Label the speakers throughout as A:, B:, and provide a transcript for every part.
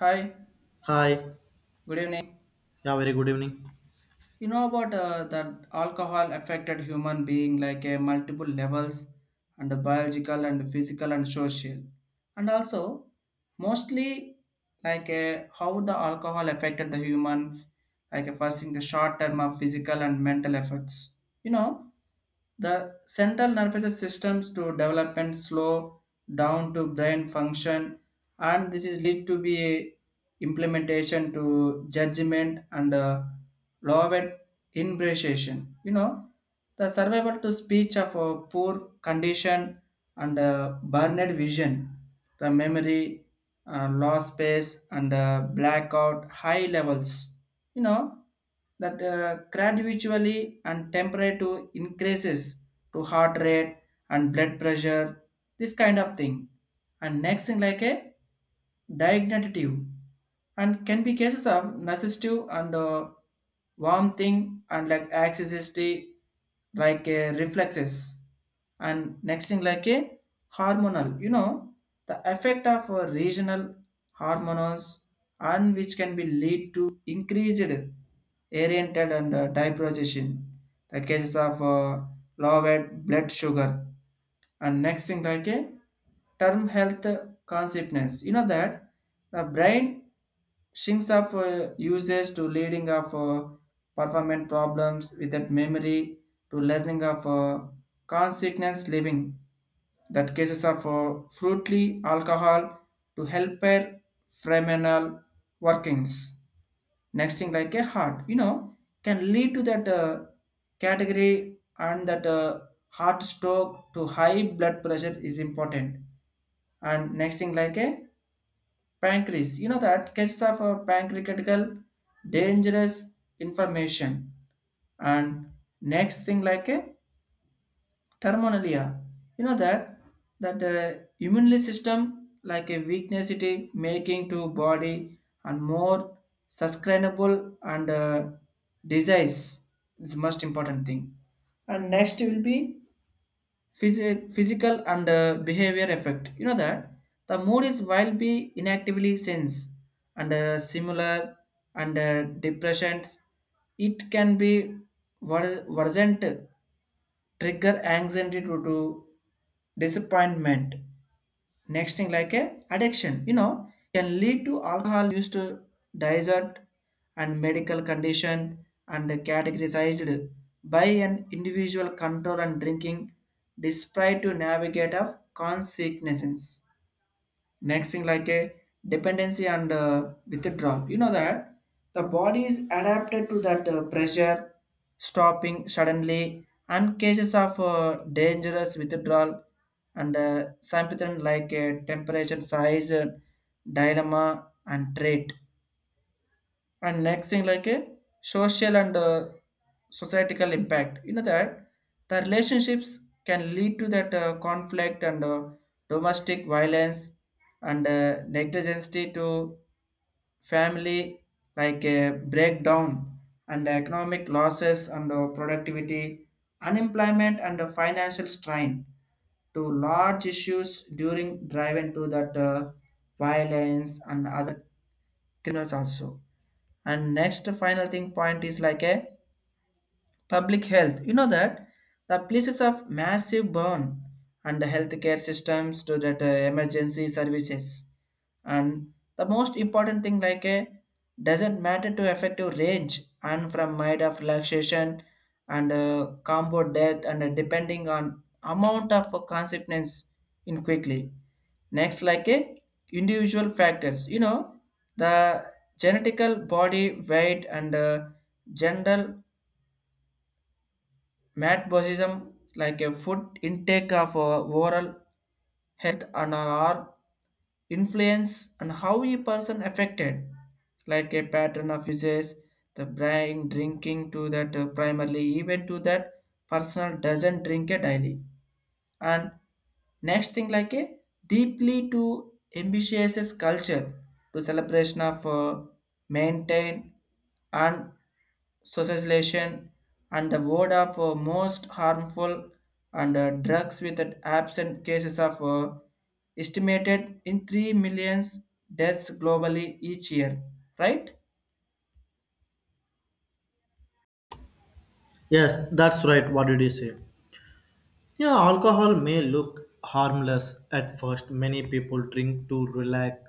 A: Hi,
B: Hi.
A: good evening.
B: Yeah, very good evening.
A: You know about that alcohol affected human being like multiple levels and biological and physical and social. And also mostly like how the alcohol affected the humans like first in the short term of physical and mental effects. You know the central nervous systems to development slow down to brain function, and this is lead to be implementation to judgment and loved impression. You know, the survival to speech of a poor condition and burned vision, the memory, loss space and blackout high levels, you know, that gradually and temperature increases to heart rate and blood pressure, this kind of thing. And next thing like a diagnostic and can be cases of narcissistic and warm thing and like accessibility, like reflexes. And next thing like a hormonal, you know, the effect of regional hormones and which can be lead to increased oriented and diprogesion, the cases of lowered blood sugar. And next thing like a term health consequence. You know that the brain shrinks of uses to leading of performance problems without memory to learning of consequence living, that cases of fruitly alcohol to helper phenomenal workings. Next thing like a heart, you know, can lead to that category and that heart stroke to high blood pressure is important. And next thing like a pancreas, you know, that cases of pancreatical dangerous information. And next thing like a Terminalia. You know that that immune system like a weakness, it is making to body and more sustainable and disease is most important thing. And next will be physical and behavior effect, you know that the mood is will be inactively sense and similar and depressions, it can be worsened, trigger anxiety due to disappointment. Next thing like a addiction, you know, can lead to alcohol used to diet and medical condition and categorized by an individual control and drinking despite to navigate of consequences. Next thing like a dependency and withdrawal, you know that the body is adapted to that pressure stopping suddenly, and cases of dangerous withdrawal and symptom like a temperature size, dilemma and trait. And next thing like a social and societal impact, you know that the relationships can lead to that conflict and domestic violence and negligence to family like a breakdown and economic losses and productivity, unemployment and financial strain to large issues during drive into that violence and other thrillers also. And next final thing point is like a public health. You know that the places of massive burn and the healthcare systems to that emergency services. And the most important thing like a doesn't matter to effective range and from mind of relaxation and combo death and depending on amount of consequence in quickly. Next like a individual factors. You know the genetical body weight and general Mat Buddhism like a food intake of our overall health and our influence and how a person affected like a pattern of uses the brain drinking to that primarily even to that personal doesn't drink a daily. And next thing like a deeply to ambitious culture to celebration of maintain and socialization, and the word of most harmful and drugs with an absent cases of estimated in 3 millions deaths globally each year, right?
B: Yes, that's right. What did you say? Yeah, alcohol may look harmless at first. Many people drink to relax,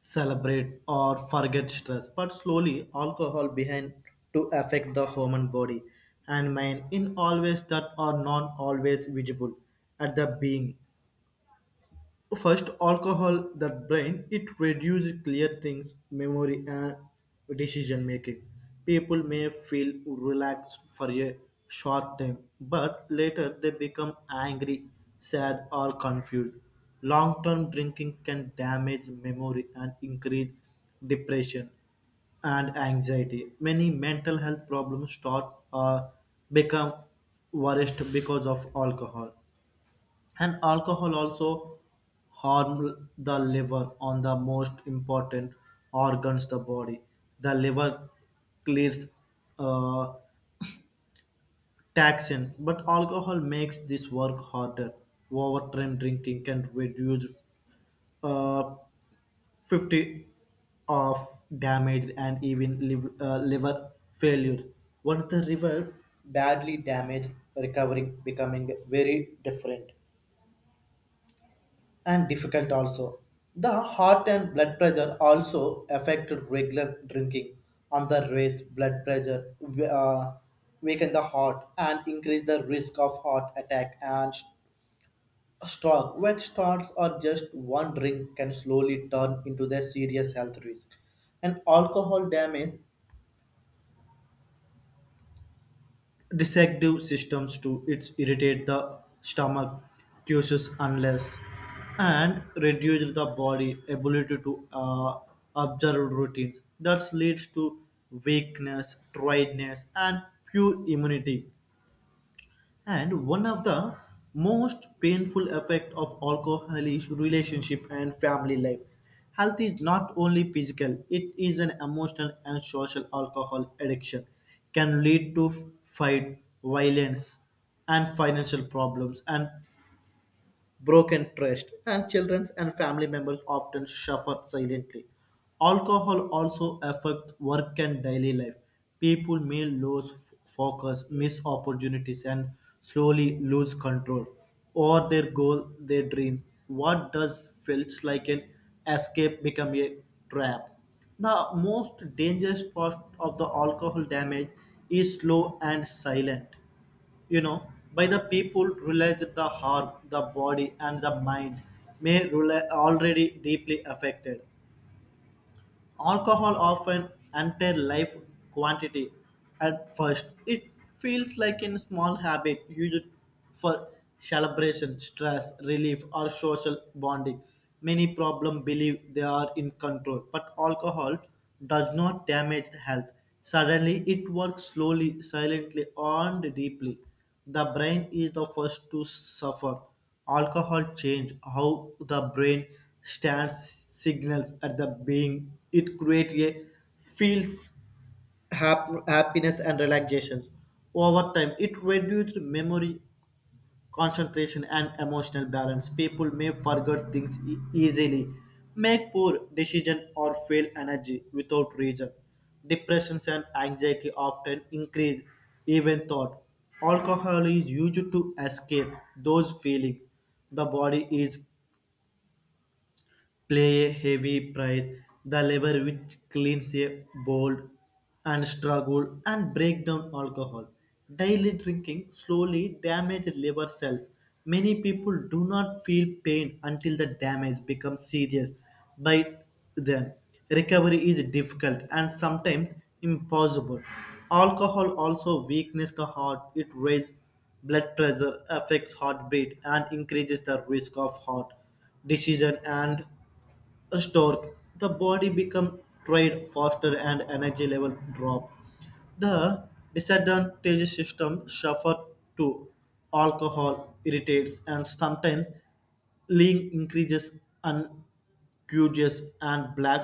B: celebrate, or forget stress. But slowly, alcohol behind to affect the human body and mind in always that are not always visible at the being. First, alcohol the brain it reduces clear things, memory and decision making. People may feel relaxed for a short time, but later they become angry, sad or confused. Long-term drinking can damage memory and increase depression and anxiety. Many mental health problems start or become worst because of alcohol and alcohol also harm the liver on the most important organs the body the liver clears uh, toxins but alcohol makes this work harder overtime drinking can reduce uh, 50 of damage and even liver failures once the liver badly damaged recovering becoming very different and difficult also. The heart and blood pressure also affected regular drinking on the raise blood pressure, uh, weaken the heart and increase the risk of heart attack and stroke. When starts or just one drink can slowly turn into the serious health risk. And alcohol damage digestive systems too. It irritate the stomach, juices unless, and reduce the body ability to observe routines. That leads to weakness, tiredness, and poor immunity. And one of the most painful effect of alcohol is relationship and family life. Health is not only physical, it is an emotional and social alcohol addiction can lead to fight, violence and financial problems and broken trust, and children and family members often suffer silently. Alcohol also affects work and daily life. People may lose focus, miss opportunities, and slowly lose control over their goal, their dream. What does feels like an escape become a trap? The most dangerous part of the alcohol damage is slow and silent, you know, by the people realize that the heart the body and the mind may already deeply affected. Alcohol often entire life quantity. At first, it feels like a small habit used for celebration, stress relief, or social bonding. Many problem believe they are in control, but alcohol does not damage health. Suddenly, it works slowly, silently, and deeply. The brain is the first to suffer. Alcohol changes how the brain stands signals at the being. It creates a feels happiness and relaxation. Over time, it reduces memory concentration, and emotional balance. People may forget things easily, make poor decisions, or feel energy without reason. Depressions and anxiety often increase, even thought. Alcohol is used to escape those feelings. The body is play a heavy price. The lever which cleans a bold and struggle and break down alcohol. Daily drinking slowly damages liver cells. Many people do not feel pain until the damage becomes serious by them. Recovery is difficult and sometimes impossible. Alcohol also weakens the heart. It raises blood pressure, affects heartbeat, and increases the risk of heart decision and a stork, the body become tired faster and energy level drop. The disadvantage system suffer too. Alcohol irritates and sometimes lean increases and curious and black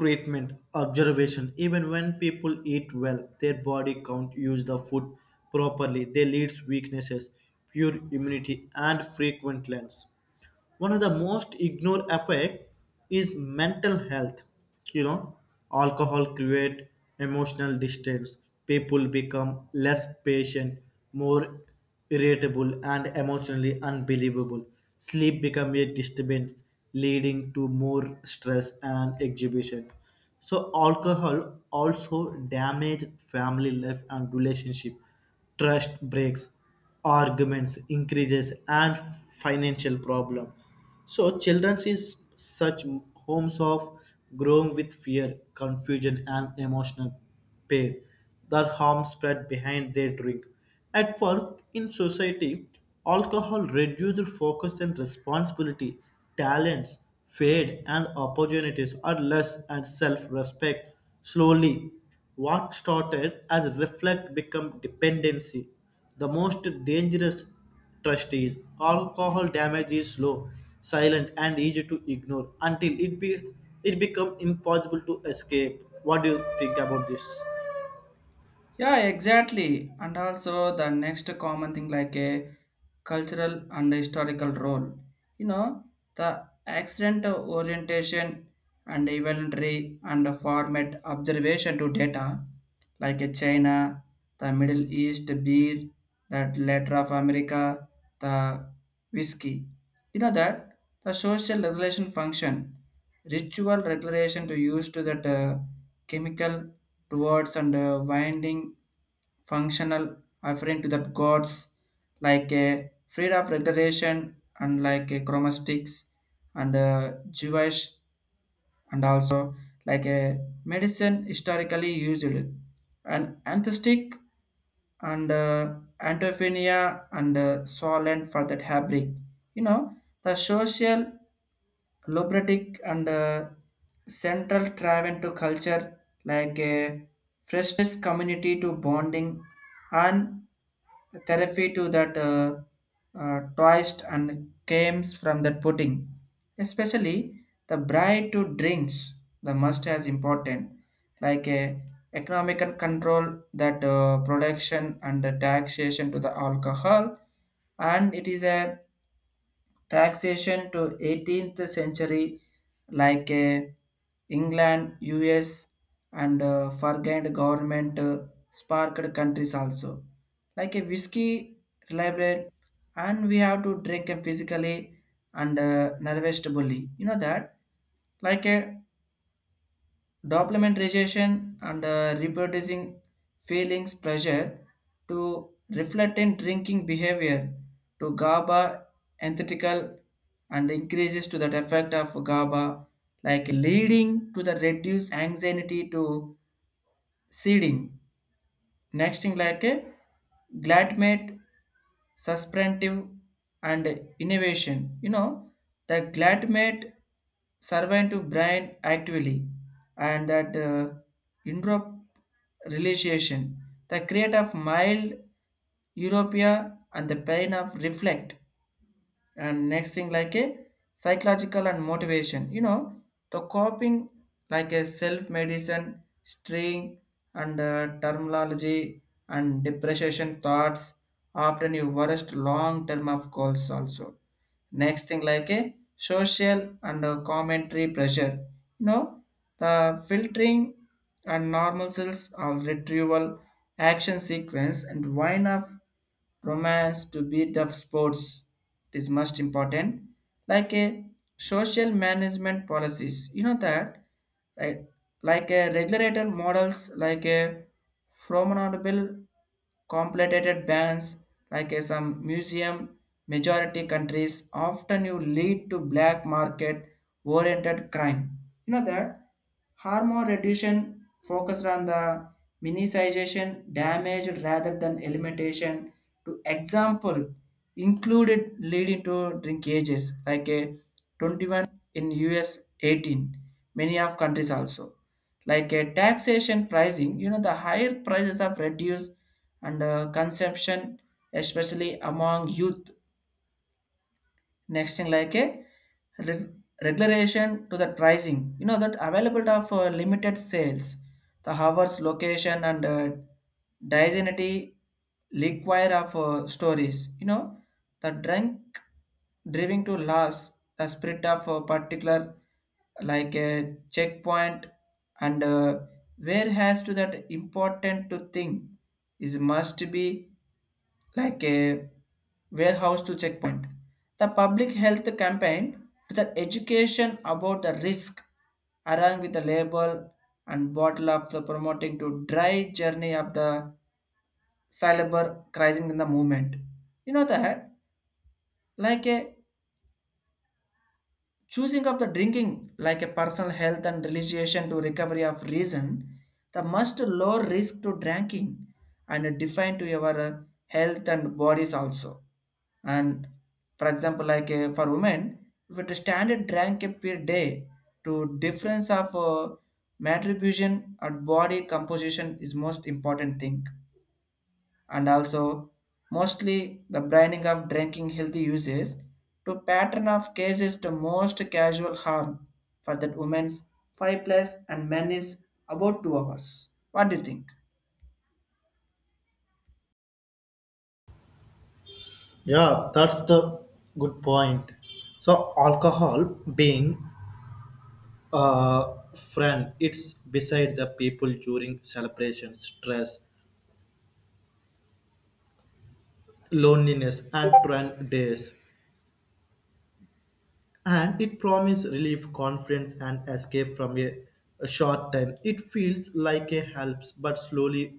B: treatment observation even when people eat well their body can't use the food properly they leads weaknesses pure immunity and frequent lens. One of the most ignored effect is mental health, you know, alcohol create emotional distance. People become less patient, more irritable and emotionally unbelievable. Sleep become a disturbance leading to more stress and exhibition. So alcohol also damage family life and relationship. Trust breaks, arguments increases and financial problem. So children is such homes of growing with fear, confusion and emotional pain. The harm spread behind their drink at work, in society. Alcohol reduced focus and responsibility. Talents fade and opportunities are less and self-respect slowly. What started as reflect become dependency. The most dangerous trust is alcohol damage is slow, silent, and easy to ignore until it become impossible to escape. What do you think about this?
A: Yeah, exactly. And also the next common thing like a cultural and historical role. You know, the accident of orientation and evolutionary and format observation to data like a China, the Middle East beer, that later of America, the whiskey. You know that the social regulation function, ritual regulation to use to that chemical towards and winding functional referring to the gods like a freed of reiteration and like a chromatics and Jewish, and also like a medicine historically used and anthestic and antophilia and solent for that fabric, you know, the social Lubricatic and central travel to culture like a freshness community to bonding and therapy to that twist and games from that pudding. Especially the bride to drinks, the must as important, like a economic and control that production and the taxation to the alcohol, and it is a taxation to 18th century like england, us and forgotten government sparked countries also, like a whiskey reliable, and we have to drink it physically and nervously, you know that like a Documentation and reproducing feelings pressure to reflect in drinking behavior to GABA antithetical and increases to that effect of GABA, like leading to the reduced anxiety to seeding. Next thing like a gladmate, substantive and innovation. You know, the gladmate servant to brain actively and that Europe realization. The create of mild Europea and the pain of reflect. And next thing like a psychological and motivation, you know the coping like a self medicine string and terminology and depreciation thoughts, often you worst long term of goals also. Next thing like a social and a commentary pressure, you know the filtering and normal cells or retrieval action sequence and why enough romance to beat the sports is most important, like a social management policies, you know that like, like a regulator models like a formidable Complicated bands, like a some museum majority countries often you lead to black market oriented crime. You know that harm reduction focused on the minimization damage rather than elimination, to example included leading to drinkages like a 21 in US, 18 many of countries also, like a taxation pricing, you know the higher prices of reduced and consumption, especially among youth. Next thing like a re- regulation to the pricing. You know that availability of limited sales, the hours, location, and dignity require of stories. You know the drink driving to loss, the spirit of a particular like a checkpoint and where has to that important to thing is must be like a warehouse to checkpoint. The public health campaign to the education about the risk, along with the label and bottle of the promoting to dry journey of the syllable crisis in the movement. You know that like a choosing of the drinking like a personal health and realization to recovery of reason, the must low risk to drinking and define to your health and bodies also. And for example, like for women, if it is standard drank per day, to difference of matribution or body composition is most important thing. And also, mostly the branding of drinking healthy uses to pattern of cases to most casual harm for that women's five plus and men is about 2 hours. What do you think?
B: Yeah, that's the good point. So alcohol being a friend, it's beside the people during celebrations, stress, loneliness, and trend days, and it promises relief, confidence, and escape from a short time. It feels like a helps, but slowly,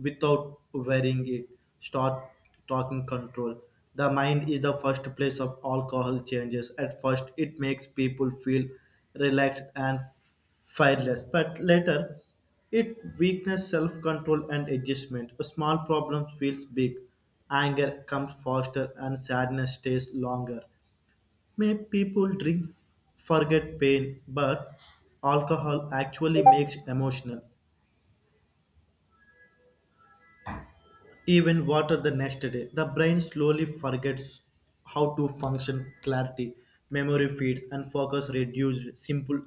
B: without wearing it, start talking control. The mind is the first place of alcohol changes. At first, it makes people feel relaxed and fearless, but later, it weakness self-control and adjustment. A small problem feels big, anger comes faster, and sadness stays longer. May people drink forget pain, but alcohol actually makes emotional even water the next day. The brain slowly forgets how to function clarity, memory feeds, and focus reduced. Simple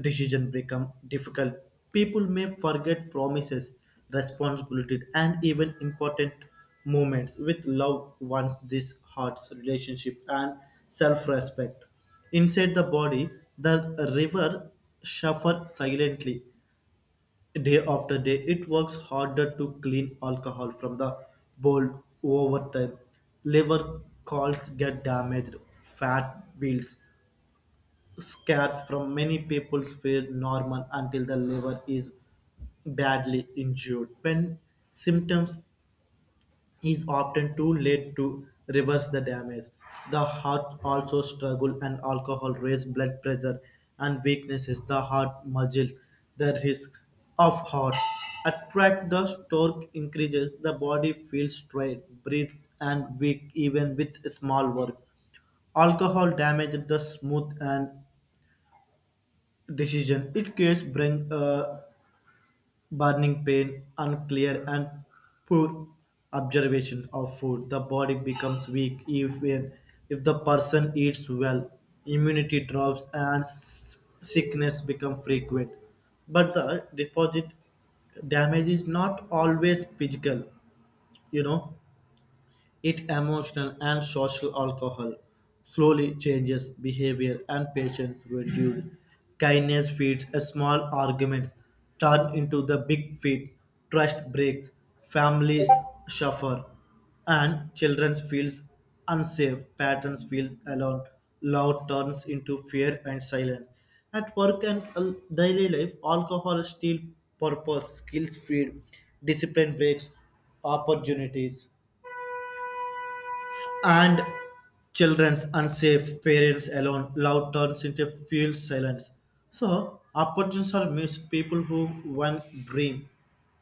B: decision become difficult. People may forget promises, responsibilities, and even important moments with loved ones. This hurts relationship and self-respect. Inside the body, the river shuffle silently. Day after day, it works harder to clean alcohol from the bowl over time. Liver calls get damaged, fat builds. Scars from many people were normal until the liver is badly injured. When symptoms is often too late to reverse the damage. The heart also struggles and alcohol raise blood pressure and weaknesses the heart muscles. The risk of heart attack the stroke increases. The body feels strained, breathe and weak even with small work. Alcohol damages the smooth and decision. It gives brain burning pain, unclear and poor observation of food. The body becomes weak even if the person eats well. Immunity drops and sickness become frequent. But the deposit damage is not always physical, you know, it emotional and social alcohol slowly changes behavior and patience reduce. Kindness feeds a small arguments turn into the big feeds. Trust breaks, families suffer, and children feels unsafe. Patterns feels alone. Love turns into fear and silence. At work and daily life, alcohol steals purpose, skills feed, discipline breaks opportunities and children's unsafe parents alone loud turns into fuel silence. So opportunities are missed, people who one dream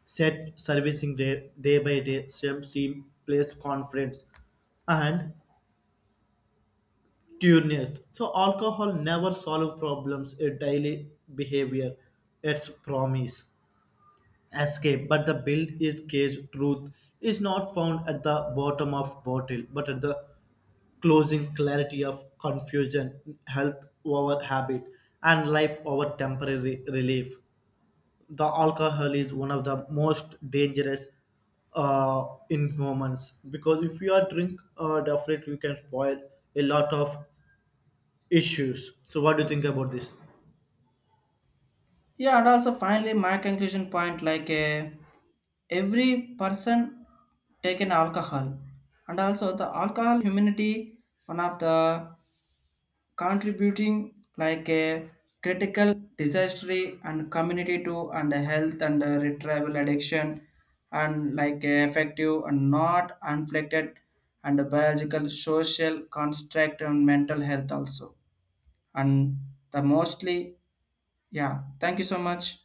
B: set servicing day, day by day same place conference and tuneness. So alcohol never solve problems a daily behavior. Its promise escape but the build is cage. Truth is not found at the bottom of bottle but at the closing clarity of confusion, health over habit, and life over temporary relief. The alcohol is one of the most dangerous uh, in humans because if you are drink, definitely you can spoil a lot of issues. So, what do you think about this?
A: Yeah, and also finally, my conclusion point like every person taken alcohol, and also the alcohol humanity one of the contributing like a critical disaster and community to and the health and retrieval addiction and like effective and not unflected and the biological social construct and mental health also, and the mostly, yeah, thank you so much.